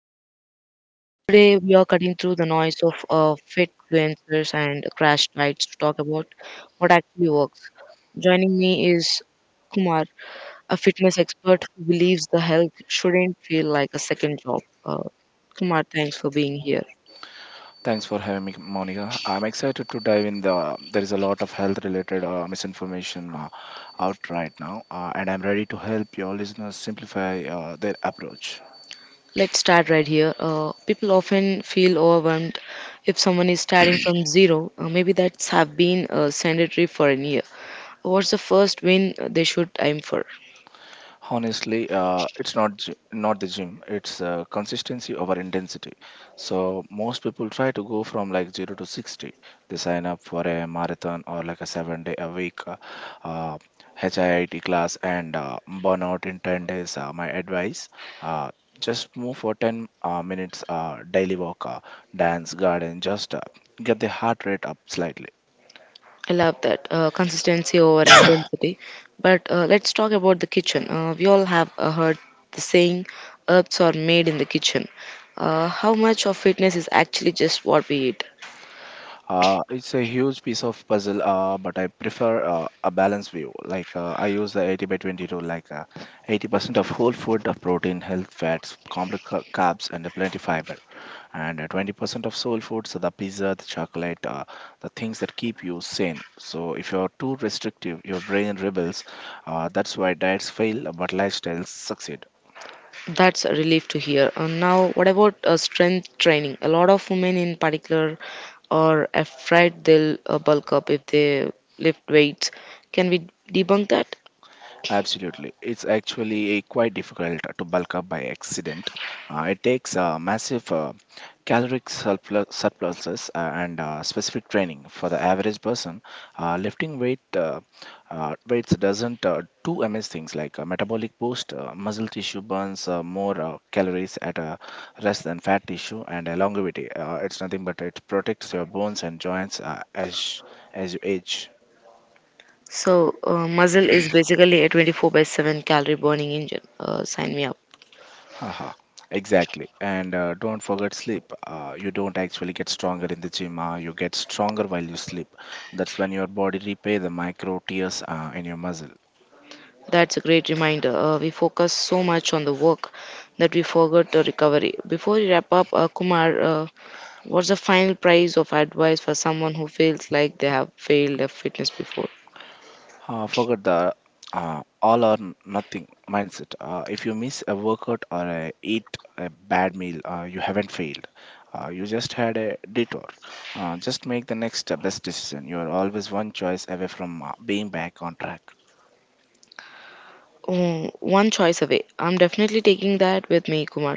host Monica. Today we are cutting through the noise of fit influencers and crash diets to talk about what actually works. Joining me is Kumar, a fitness expert who believes the health shouldn't feel like a second job. Kumar, thanks for being here. Thanks for having me, Monica. I'm excited to dive in. There is a lot of health-related misinformation out right now, and I'm ready to help your listeners simplify their approach. Let's start right here. People often feel overwhelmed if someone is starting from zero. Maybe that's have been sedentary for a year. What's the first win they should aim for? Honestly, it's not not the gym. It's consistency over intensity. So most people try to go from like zero to sixty. They sign up for a marathon or like a 7 day a week uh, HIIT class and burn out in 10 days. My advice: uh, just move for ten minutes, daily walk, dance, garden. Just get the heart rate up slightly. I love that. Consistency over intensity. But let's talk about the kitchen. We all have heard the saying, herbs are made in the kitchen. How much of fitness is actually just what we eat? It's a huge piece of puzzle, but I prefer a balanced view. I use the 80 by 20 rule, 80% of whole food, of protein, health, fats, complex carbs, and plenty fiber, and 20% of soul foods, the pizza, the chocolate, the things that keep you sane. So if you're too restrictive, your brain rebels. That's why diets fail, but lifestyles succeed. That's a relief to hear. Now, what about strength training? A lot of women in particular are afraid they'll bulk up if they lift weights. Can we debunk that? Absolutely. It's actually a quite difficult to bulk up by accident. It takes massive caloric surplus, surpluses and specific training for the average person. Lifting weights doesn't do MS things like metabolic boost, muscle tissue burns more calories at a rest than fat tissue, and longevity. It's nothing but it protects your bones and joints as you age. So, muzzle is basically a 24 by 7 calorie burning engine. Sign me up. Haha, exactly. And don't forget sleep. You don't actually get stronger in the gym. You get stronger while you sleep. That's when your body repay the micro tears in your muscle. That's a great reminder. We focus so much on the work that we forgot the recovery. Before we wrap up, Kumar, what's the final price of advice for someone who feels like they have failed at fitness before? Forget the all or nothing mindset. If you miss a workout or a, eat a bad meal, you haven't failed. You just had a detour. Just make the next best decision. You are always one choice away from being back on track. Oh, one choice away. I'm definitely taking that with me, Kumar.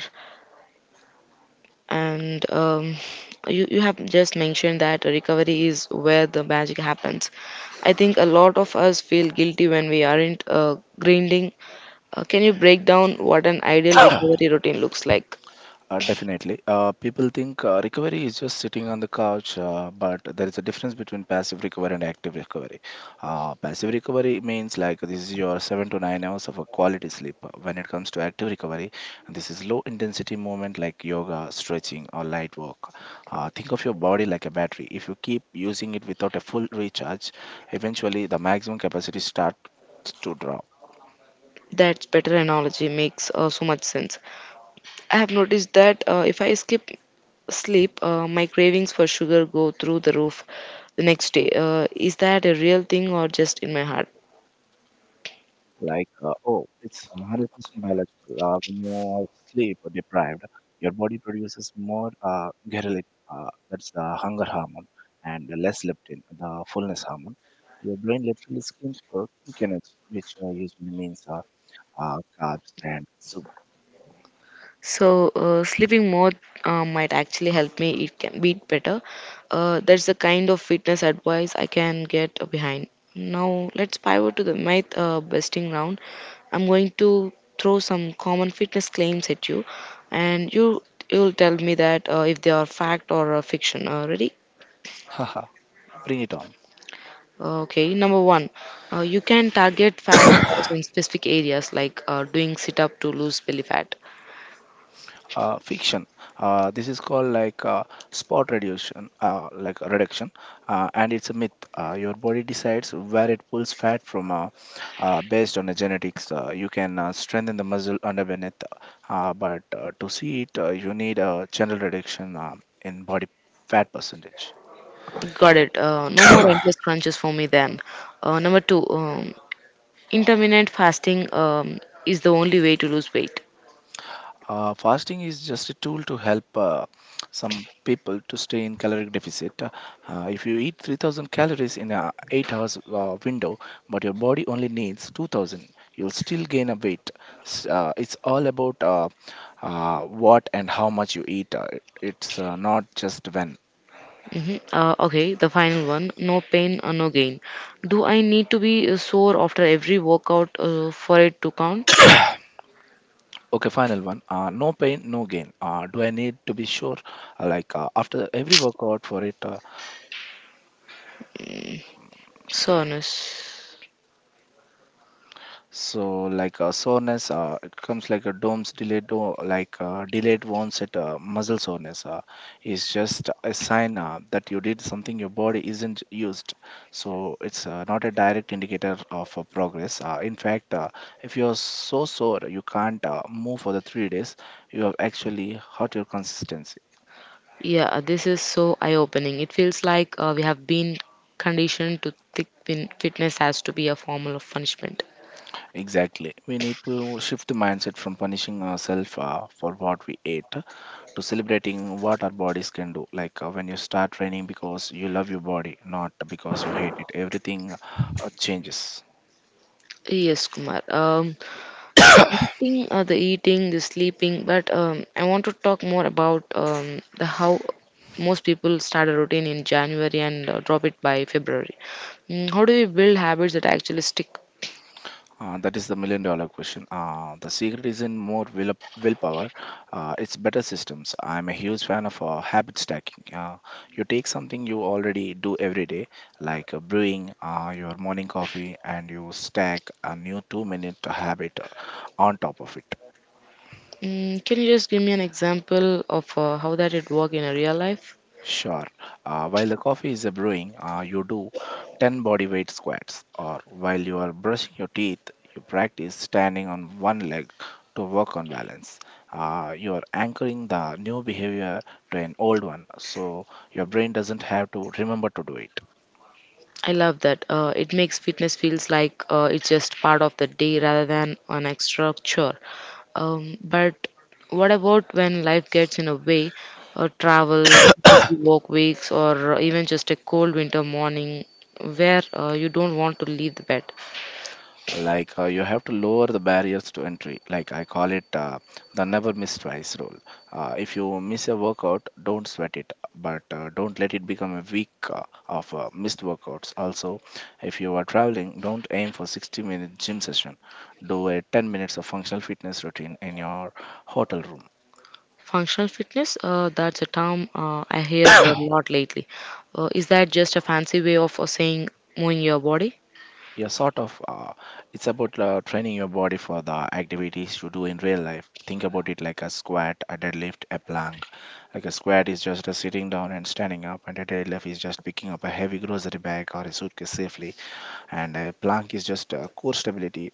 And You have just mentioned that recovery is where the magic happens. I think a lot of us feel guilty when we aren't grinding. Can you break down what an ideal recovery routine looks like? Definitely. People think recovery is just sitting on the couch, but there is a difference between passive recovery and active recovery. Passive recovery means, like, this is your 7 to 9 hours of a quality sleep. When it comes to active recovery, this is low intensity movement like yoga, stretching, or light work. Think of your body like a battery. If you keep using it without a full recharge, eventually the maximum capacity starts to drop. That's better analogy makes so much sense. I have noticed that if I skip sleep, my cravings for sugar go through the roof the next day. Is that a real thing or just in my heart? Oh, it's 100% biological. When you are sleep deprived, your body produces more ghrelin, that's the hunger hormone, and less leptin, the fullness hormone. Your brain literally screams for quick energy, which usually means carbs and sugar. So, sleeping more might actually help me eat can beat better. That's the kind of fitness advice I can get behind. Now, let's pivot to the myth busting round. I'm going to throw some common fitness claims at you, and you'll tell me that if they are fact or fiction. Ready? Haha, bring it on. Okay. Number one, you can target fat loss in specific areas like doing sit up to lose belly fat. Fiction. This is called spot reduction, and it's a myth. Your body decides where it pulls fat from based on the genetics. You can strengthen the muscle underneath, but to see it, you need a general reduction in body fat percentage. Got it. No more endless crunches for me then. Uh, number two, um, Intermittent fasting is the only way to lose weight. Fasting is just a tool to help some people to stay in caloric deficit. If you eat 3,000 calories in a 8 hours window, but your body only needs 2000, you'll still gain a weight. It's all about what and how much you eat. It's not just when. Okay, the final one, no pain, no gain. Do I need to be sore after every workout for it to count? Okay, final one. No pain, no gain. Do I need to be sure? After every workout for it, Mm, Soreness. so soreness, it comes like a DOMS, delayed do- like delayed onset muscle soreness is just a sign that you did something your body isn't used. So it's not a direct indicator of progress. In fact, if you're so sore you can't move for the 3 days, you have actually hurt your consistency. Yeah, this is so eye opening. It feels like we have been conditioned to think fitness has to be a form of punishment. Exactly. We need to shift the mindset from punishing ourselves for what we ate to celebrating what our bodies can do. When you start training because you love your body, not because you hate it, everything changes. Yes, Kumar. Eating the eating the sleeping but I want to talk more about the how most people start a routine in January and drop it by February. How do we build habits that actually stick? That is the million dollar question. The secret isn't more willpower, it's better systems. I'm a huge fan of habit stacking. You take something you already do every day, brewing your morning coffee, and you stack a new 2 minute habit on top of it. Can you just give me an example of how that it work in a real life? Sure. While the coffee is brewing, you do 10 body weight squats, or while you are brushing your teeth, you practice standing on one leg to work on balance. You are anchoring the new behavior to an old one, so your brain doesn't have to remember to do it. I love that, it makes fitness feels like it's just part of the day rather than an extra chore. But what about when life gets in a way? Travel, busy work weeks, or even just a cold winter morning where you don't want to leave the bed. You have to lower the barriers to entry. Like, I call it the never miss twice rule. If you miss a workout, don't sweat it, but don't let it become a week of missed workouts. Also, if you are traveling, don't aim for 60-minute gym session. Do a 10 minutes of functional fitness routine in your hotel room. Functional fitness, that's a term I hear a lot lately. Is that just a fancy way of saying moving your body? Yeah, sort of. It's about training your body for the activities you do in real life. Think about it like a squat, a deadlift, a plank. Like a squat is just a sitting down and standing up, and a deadlift is just picking up a heavy grocery bag or a suitcase safely, and a plank is just core stability,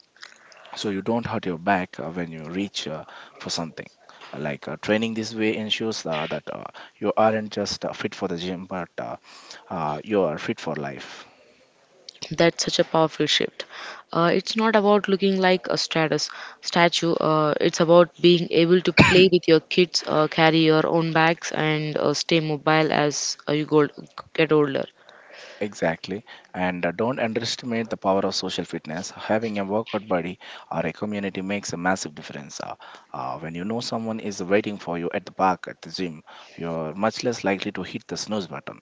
so you don't hurt your back when you reach for something. Training this way ensures that you aren't just fit for the gym, but you are fit for life. That's such a powerful shift. It's not about looking like a status statue. It's about being able to play with your kids, carry your own bags, and stay mobile as you go, get older. Exactly. And don't underestimate the power of social fitness. Having a workout buddy or a community makes a massive difference. When you know someone is waiting for you at the park, at the gym, you're much less likely to hit the snooze button.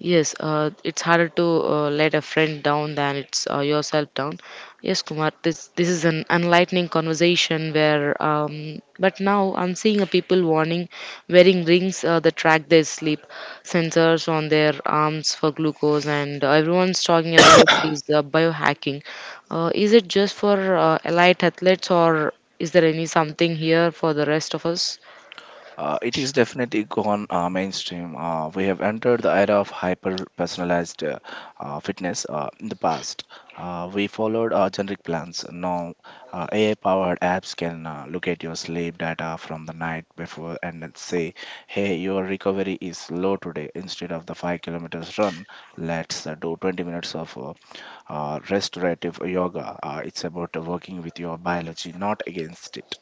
Yes, it's harder to let a friend down than it's yourself down. Yes, Kumar, this is an enlightening conversation where, but now I'm seeing a people warning, wearing rings that track their sleep, sensors on their arms for glucose, and everyone's talking about is biohacking. Is it just for elite athletes, or is there any something here for the rest of us? It is definitely gone mainstream. We have entered the era of hyper personalized fitness. In the past, we followed generic plans. Now, AI powered apps can look at your sleep data from the night before and then say, hey, your recovery is low today. Instead of the 5 kilometers run, let's do 20 minutes of restorative yoga. It's about working with your biology, not against it.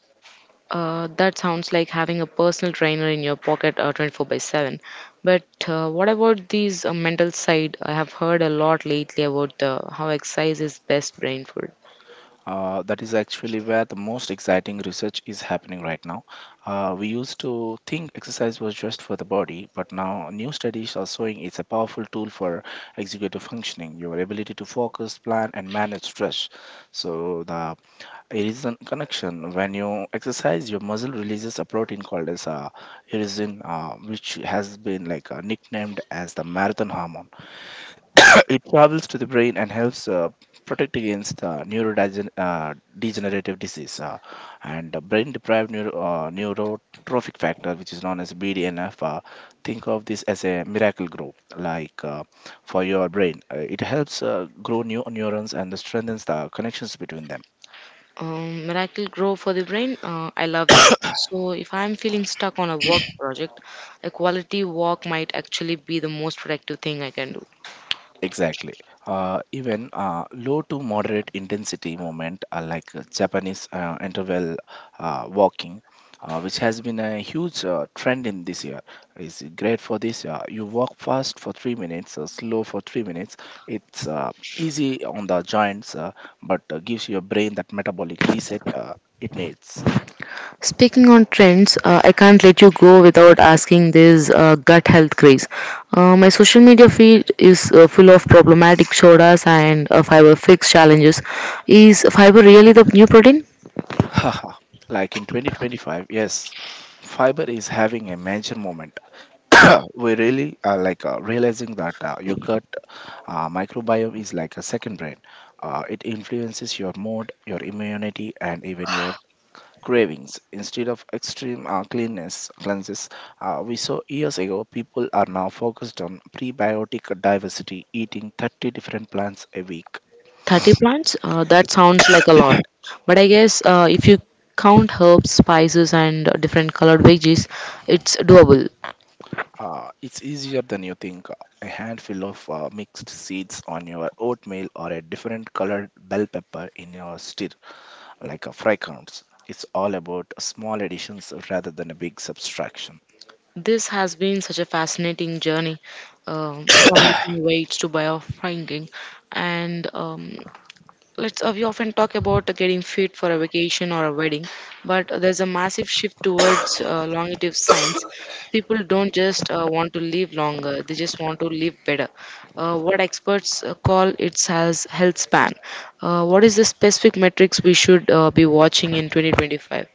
That sounds like having a personal trainer in your pocket 24 by 7. But what about these mental side? I have heard a lot lately about how exercise is best brain food. That is actually where the most exciting research is happening right now. We used to think exercise was just for the body, but now new studies are showing it's a powerful tool for executive functioning, your ability to focus, plan, and manage stress. So the irisin connection: when you exercise, your muscle releases a protein called as irisin, which has been nicknamed as the marathon hormone. It travels to the brain and helps protect against neurodegenerative degenerative disease and brain deprived neurotrophic factor, which is known as BDNF. Think of this as a miracle grow, for your brain. It helps grow new neurons and strengthens the connections between them. Miracle grow for the brain. I love that. So if I'm feeling stuck on a work project, a quality walk might actually be the most productive thing I can do. Exactly. Even low to moderate intensity movement, Japanese interval walking, which has been a huge trend in this year, is great for this. You walk fast for 3 minutes, slow for 3 minutes. It's easy on the joints, but gives your brain that metabolic reset it needs. Speaking on trends, I can't let you go without asking this gut health craze. My social media feed is full of problematic sodas and fiber fix challenges. Is fiber really the new protein? Haha. In 2025, yes, fiber is having a major moment. We really are realizing that yogurt microbiome is like a second brain. It influences your mood, your immunity, and even your cravings. Instead of extreme cleanness cleanses, we saw years ago, people are now focused on prebiotic diversity, eating 30 different plants a week. 30 plants? That sounds like a lot. But I guess if you count herbs, spices, and different colored veggies, it's doable. It's easier than you think. A handful of mixed seeds on your oatmeal or a different colored bell pepper in your stir, like a fry, counts. It's all about small additions rather than a big subtraction. This has been such a fascinating journey, from lifting weights to biofranking, and let's, we often talk about getting fit for a vacation or a wedding, but there's a massive shift towards longevity science. People don't just want to live longer, they just want to live better. What experts call it as health span. What is the specific metrics we should be watching in 2025?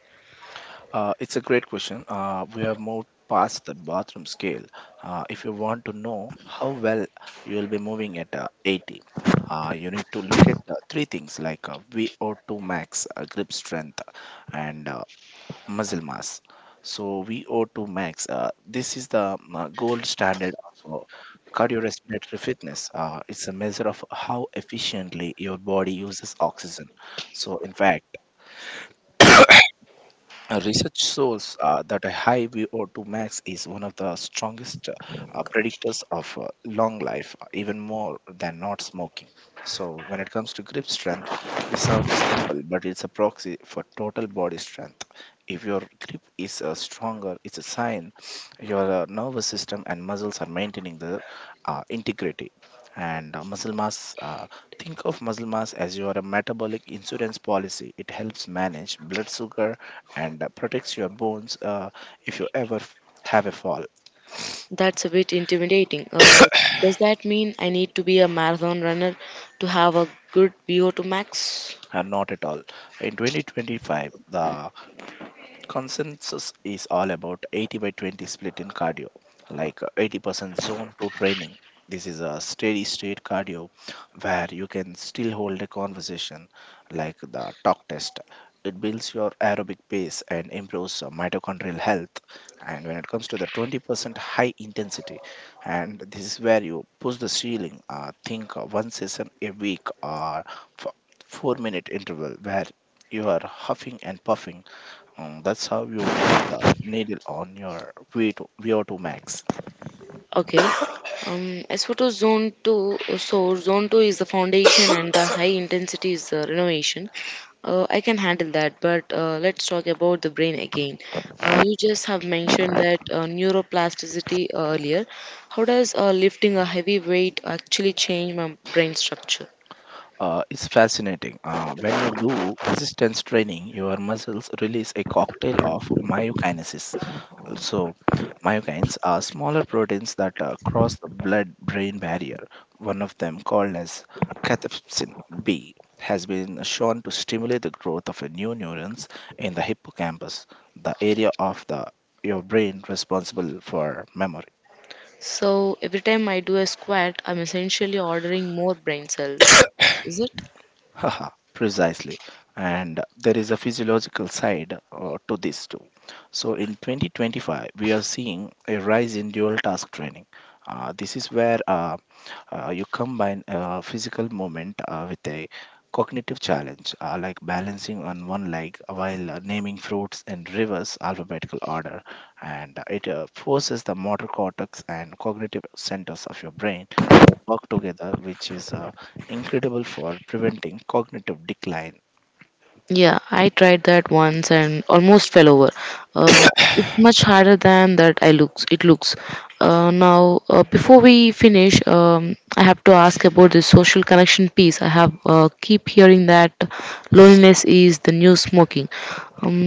It's a great question. We have moved past the bathroom scale. If you want to know how well you will be moving at 80, you need to look at three things like VO2 max, grip strength, and muscle mass. So, VO2 max, this is the gold standard of cardiorespiratory fitness. It's a measure of how efficiently your body uses oxygen. So, in fact, research shows that a high VO2 max is one of the strongest predictors of long life, even more than not smoking. So, when it comes to grip strength, this sounds simple, but it's a proxy for total body strength. If your grip is stronger, it's a sign your nervous system and muscles are maintaining their integrity. And Muscle mass, think of muscle mass as your metabolic insurance policy. It helps manage blood sugar and protects your bones if you ever have a fall. That's a bit intimidating. Does that mean I need to be a marathon runner to have a good VO2 max? Not at all. In 2025, the consensus is all about 80 by 20 split in cardio, like 80% zone 2 training. This is a steady state cardio where you can still hold a conversation, like the talk test. It builds your aerobic pace and improves mitochondrial health. And when it comes to the 20% high intensity, and this is where you push the ceiling, think one session a week or f- 4 minute interval where you are huffing and puffing, that's how you move the needle on your VO2 max. Okay. As for to zone two, so zone two is the foundation and the high intensity is the renovation. I can handle that, but let's talk about the brain again. You just have mentioned that neuroplasticity earlier. How does lifting a heavy weight actually change my brain structure? It's fascinating. When you do resistance training, your muscles release a cocktail of myokinesis. So, myokines are smaller proteins that cross the blood-brain barrier. One of them, called as cathepsin B, has been shown to stimulate the growth of new neurons in the hippocampus, the area of the your brain responsible for memory. So every time I do a squat, I'm essentially ordering more brain cells. Is it? Haha, precisely. And there is a physiological side to this too. So in 2025, we are seeing a rise in dual task training. This is where you combine physical movement with a cognitive challenge, like balancing on one leg while naming fruits in reverse alphabetical order. And It forces the motor cortex and cognitive centers of your brain to work together, which is incredible for preventing cognitive decline. Yeah, I tried that once and almost fell over. Uh, it's much harder than that I looks. It looks. Now, before we finish, I have to ask about the social connection piece. I have keep hearing that loneliness is the new smoking. Um,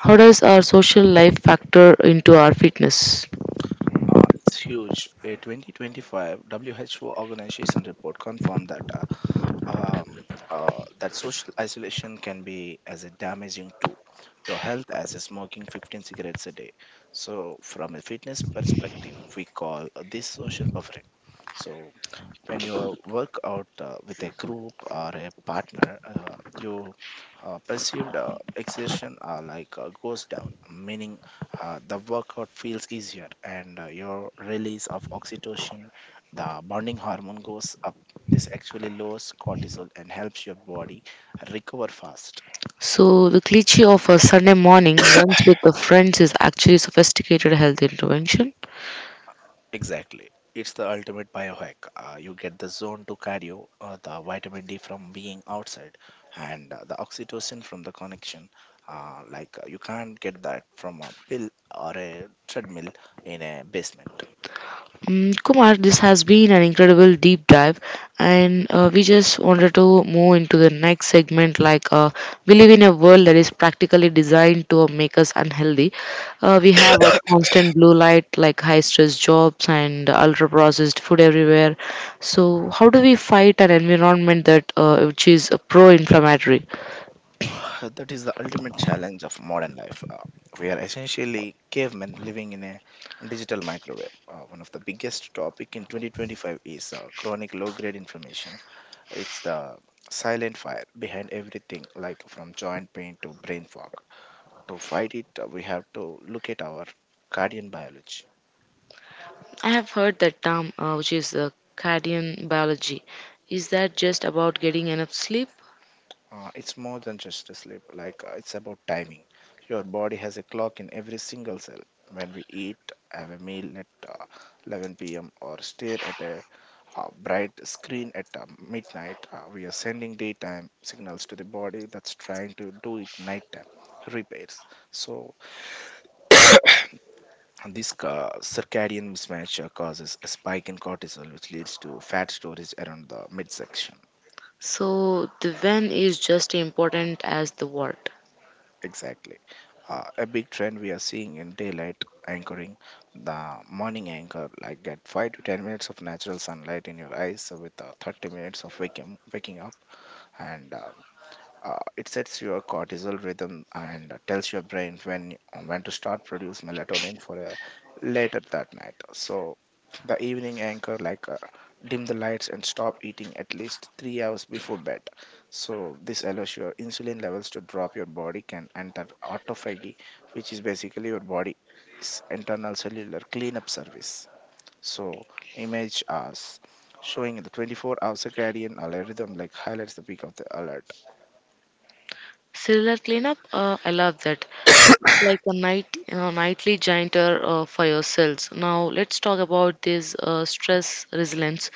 how does our social life factor into our fitness? It's huge. A 2025 WHO organization report confirmed that um, that social isolation can be as a damaging to your health as a smoking 15 cigarettes a day. So, from a fitness perspective, we call this social buffering. So, when you work out with a group or a partner, your perceived exertion, like goes down, meaning the workout feels easier and your release of oxytocin, the bonding hormone, goes up. This actually lowers cortisol and helps your body recover fast. So the cliche of a Sunday morning runs with the friends is actually sophisticated health intervention. Exactly. It's the ultimate biohack. You get the zone to cardio, the vitamin D from being outside, and the oxytocin from the connection. You can't get that from a pill or a treadmill in a basement. Kumar, this has been an incredible deep dive, and we just wanted to move into the next segment. Like, we live in a world that is practically designed to make us unhealthy. We have a constant blue light, like high stress jobs and ultra processed food everywhere. So, how do we fight an environment that which is pro inflammatory? That is the ultimate challenge of modern life. We are essentially cavemen living in a digital microwave. One of the biggest topic in 2025 is chronic low-grade inflammation. It's the silent fire behind everything, like from joint pain to brain fog. To fight it, we have to look at our guardian biology. I have heard that term, which is cardian biology. Is that just about getting enough sleep? It's more than just a sleep, like it's about timing. Your body has a clock in every single cell. When we eat, have a meal at 11 p.m., or stare at a bright screen at midnight, we are sending daytime signals to the body that's trying to do it nighttime repairs. So And this circadian mismatch causes a spike in cortisol, which leads to fat storage around the midsection. So the when is just important as the what. Exactly. A big trend we are seeing in daylight anchoring, the morning anchor, like get 5 to 10 minutes of natural sunlight in your eyes with 30 minutes of waking up and it sets your cortisol rhythm and tells your brain when to start produce melatonin for a later that night. So the evening anchor, like dim the lights and stop eating at least 3 hours before bed. So this allows your insulin levels to drop. Your body can enter autophagy, which is basically your body's internal cellular cleanup service. So image as showing the 24-hour circadian algorithm, like highlights the peak of the alert. Cellular cleanup, I love that. It's like a nightly gianter for your cells. Now let's talk about this stress resilience.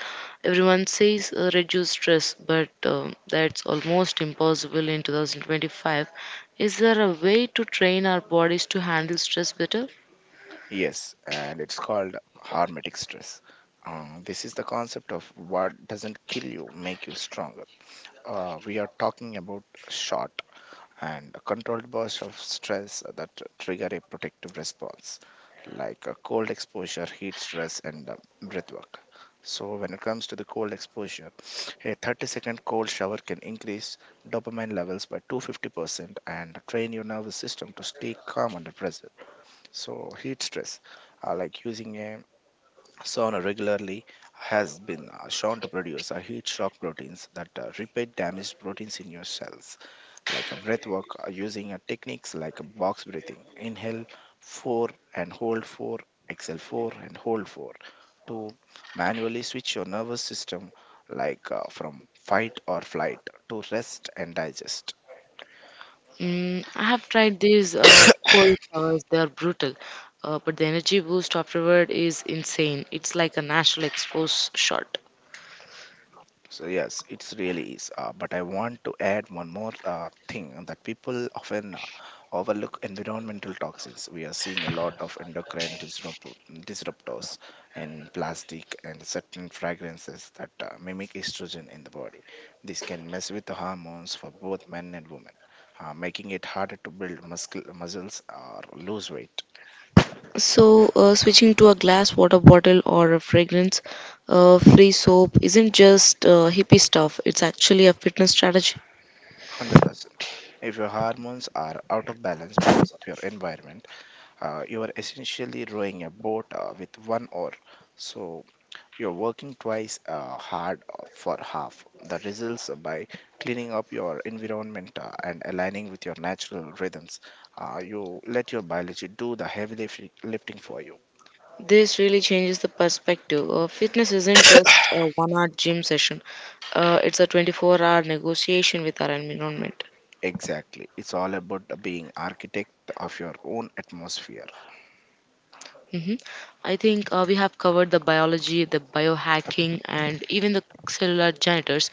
Everyone says reduce stress, but that's almost impossible in 2025. Is there a way to train our bodies to handle stress better? Yes, and it's called hormetic stress. This is the concept of what doesn't kill you make you stronger. We are talking about short and controlled bursts of stress that trigger a protective response, like cold exposure, heat stress, and breath work. So, when it comes to the cold exposure, a 30-second cold shower can increase dopamine levels by 250% and train your nervous system to stay calm under pressure. So heat stress, like using a sauna regularly, has been shown to produce heat shock proteins that repair damaged proteins in your cells. Like a breath work, using techniques like box breathing, inhale four and hold four, exhale four and hold four, to manually switch your nervous system, from fight or flight to rest and digest. I have tried these cold showers. They are brutal, but the energy boost afterward is insane. It's like a natural expose shot. So yes, it's really is. But I want to add one more thing that people often overlook: environmental toxins. We are seeing a lot of endocrine disruptors in plastic and certain fragrances that mimic estrogen in the body. This can mess with the hormones for both men and women, making it harder to build muscles or lose weight. So, switching to a glass water bottle or a fragrance free soap isn't just hippie stuff, it's actually a fitness strategy. 100%. If your hormones are out of balance because of your environment, you are essentially rowing a boat with one oar. So you're working twice hard for half the results. By cleaning up your environment and aligning with your natural rhythms, you let your biology do the heavy lifting for you. This really changes the perspective. Fitness isn't just a one-hour gym session. It's a 24-hour negotiation with our environment. Exactly. It's all about being architect of your own atmosphere. hmm I think we have covered the biology, the biohacking, and even the cellular janitors.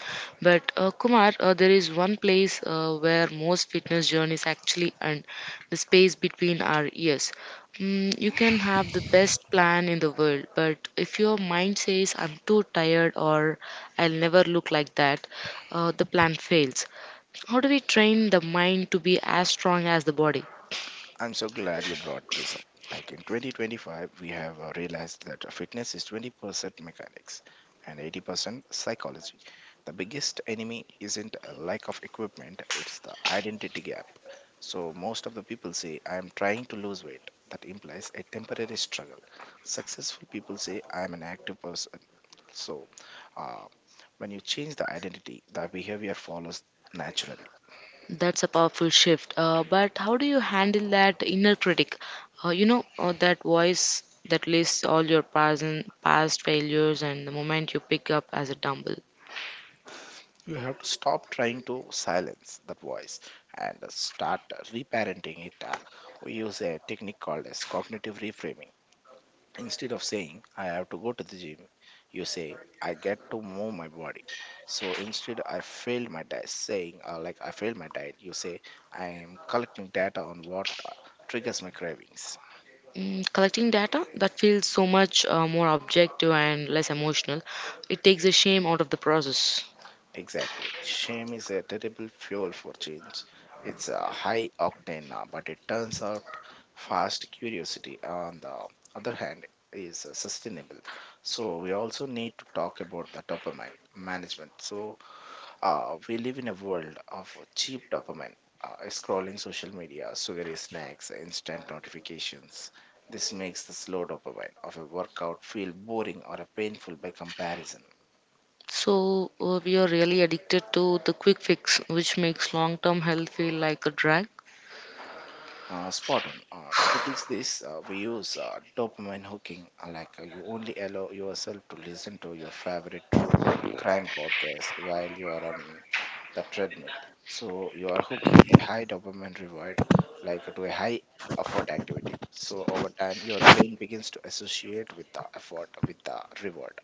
But Kumar, there is one place where most fitness journeys actually end, the space between our ears. You can have the best plan in the world, but if your mind says, I'm too tired or I'll never look like that, the plan fails. How do we train the mind to be as strong as the body? I'm so glad you brought this up. Like in 2025, we have realized that fitness is 20% mechanics and 80% psychology. The biggest enemy isn't a lack of equipment, it's the identity gap. So, most of the people say, I am trying to lose weight. That implies a temporary struggle. Successful people say, I am an active person. So, uh, when you change the identity, the behavior follows naturally. That's a powerful shift. But how do you handle that inner critic? You know, that voice that lists all your past failures and the moment you pick up as a dumbbell. You have to stop trying to silence that voice and start reparenting it. We use a technique called as cognitive reframing. Instead of saying, I have to go to the gym, you say, I get to move my body. So instead, I failed my diet, you say, I am collecting data on what triggers my cravings. Collecting data, that feels so much more objective and less emotional. It takes the shame out of the process. Exactly. Shame is a terrible fuel for change. It's a high octane, but it turns out fast. Curiosity, on the other hand, is sustainable. So, we also need to talk about the dopamine management. So, we live in a world of cheap dopamine, scrolling social media, sugary snacks, instant notifications. This makes the slow dopamine of a workout feel boring or painful by comparison. So we are really addicted to the quick fix, which makes long-term health feel like a drag. Spot on. To fix this, we use dopamine hooking. Like you only allow yourself to listen to your favorite true crime podcast while you are on the treadmill. So you are hooking a high dopamine reward, like to a high effort activity. So over time, your brain begins to associate with the effort with the reward.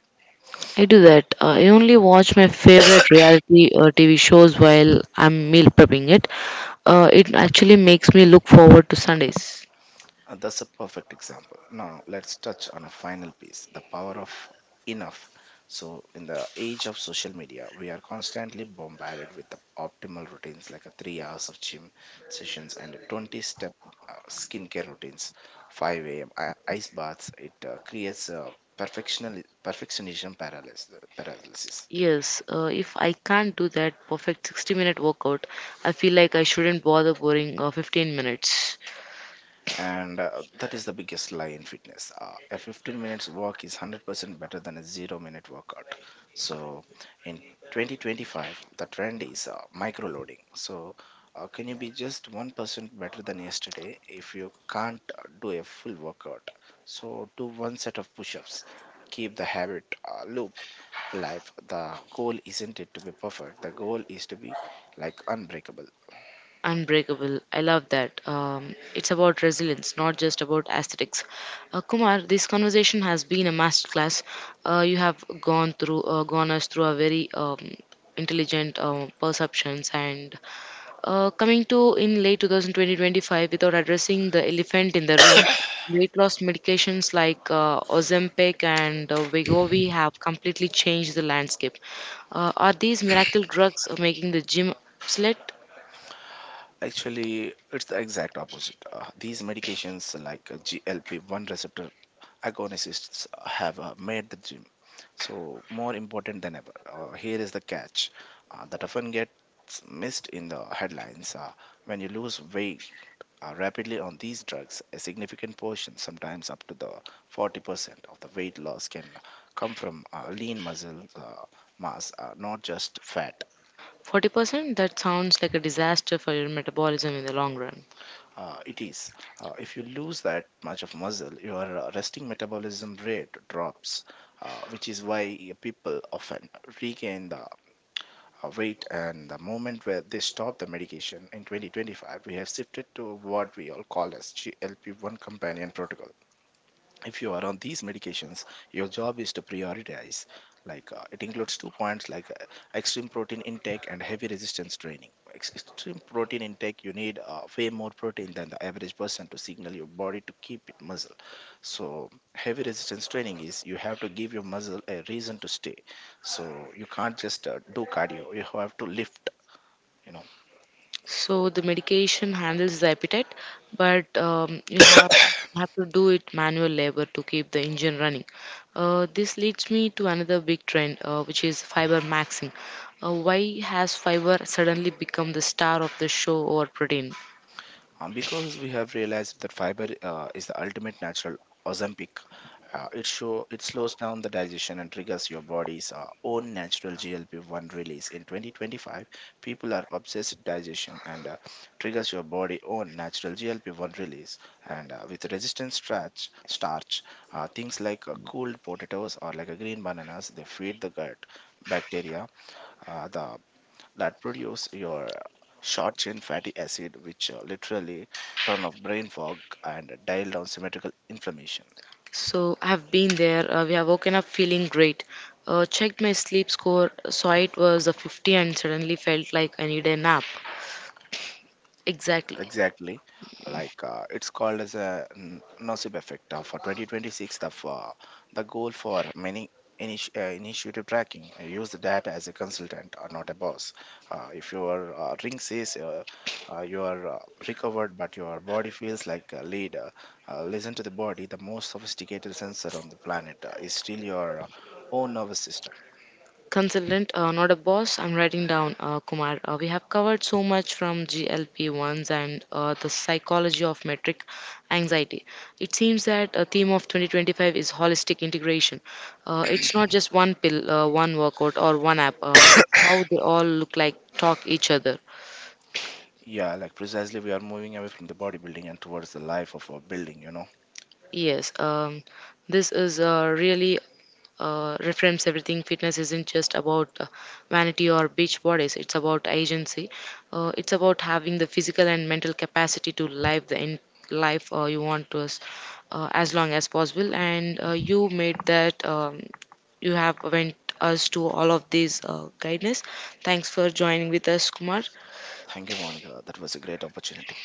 I do that. I only watch my favorite reality TV shows while I'm meal prepping it. It actually makes me look forward to Sundays. That's a perfect example. Now, let's touch on a final piece, the power of enough. So, in the age of social media, we are constantly bombarded with the optimal routines, like a 3 hours of gym sessions and a 20 step skincare routines, 5 a.m. ice baths. It creates a perfectional perfectionism paralysis. Yes, if I can't do that perfect 60-minute workout, I feel like I shouldn't bother boring 15 minutes. And that is the biggest lie in fitness. A 15 minutes walk is 100% better than a 0-minute workout. So in 2025, the trend is micro loading. So can you be just 1% better than yesterday? If you can't do a full workout, so do one set of push-ups. Keep the habit loop alive. The goal isn't it to be perfect, the goal is to be unbreakable. Unbreakable. I love that. It's about resilience, not just about aesthetics. Kumar, this conversation has been a masterclass. You have gone us through a very intelligent perceptions and coming to in late 2020 without addressing the elephant in the room. Weight loss medications like Ozempic and Wegovy have completely changed the landscape. Are these miracle drugs making the gym obsolete? Actually, it's the exact opposite. These medications like GLP-1 receptor agonists have made the gym so more important than ever. Here is the catch that often gets missed in the headlines. When you lose weight rapidly on these drugs, a significant portion, sometimes up to the 40% of the weight loss, can come from lean muscle mass, not just fat. 40%? That sounds like a disaster for your metabolism in the long run. It is. If you lose that much of muscle, your resting metabolism rate drops, which is why people often regain the weight and the moment where they stop the medication. In 2025, we have shifted to what we all call as GLP-1 companion protocol. If you are on these medications, your job is to prioritize, it includes 2 points, extreme protein intake and heavy resistance training. Extreme protein intake, you need way more protein than the average person to signal your body to keep it muscle. So heavy resistance training is you have to give your muscle a reason to stay, so you can't just do cardio, you have to lift. So the medication handles the appetite, but you have to do it manual labor to keep the engine running. This leads me to another big trend, which is fiber maxing. Why has fiber suddenly become the star of the show over protein? Because we have realized that fiber is the ultimate natural Ozempic. It show it slows down the digestion and triggers your body's own natural GLP-1 release. In 2025, people are obsessed with digestion and triggers your body own natural GLP-1 release. And with resistant starch, things like cooled potatoes or like a green bananas, they feed the gut bacteria. The that produce your short chain fatty acid, which literally turn off brain fog and dial down symmetrical inflammation. So I've been there. We have woken up feeling great. Checked my sleep score, saw it was a 50, and suddenly felt like I need a nap. Exactly. Exactly. It's called as a nocebo effect for 2026. The for the goal for many initiative tracking. I use the data as a consultant or not a boss. If your ring says you are recovered, but your body feels like a lead, listen to the body. The most sophisticated sensor on the planet is still your own nervous system. Consultant, not a boss. I'm writing down, Kumar. We have covered so much from GLP-1s and the psychology of metric anxiety. It seems that a theme of 2025 is holistic integration. It's not just one pill, one workout, or one app. It's how they all look like, talk each other. Yeah, like precisely, we are moving away from the bodybuilding and towards the life of a building. You know. Yes, this is really reframes everything. Fitness isn't just about vanity or beach bodies, it's about agency. It's about having the physical and mental capacity to live the life you want to us as long as possible. And you made that, you have went us to all of these guidance. Thanks for joining with us, Kumar. Thank you, Monica. That was a great opportunity.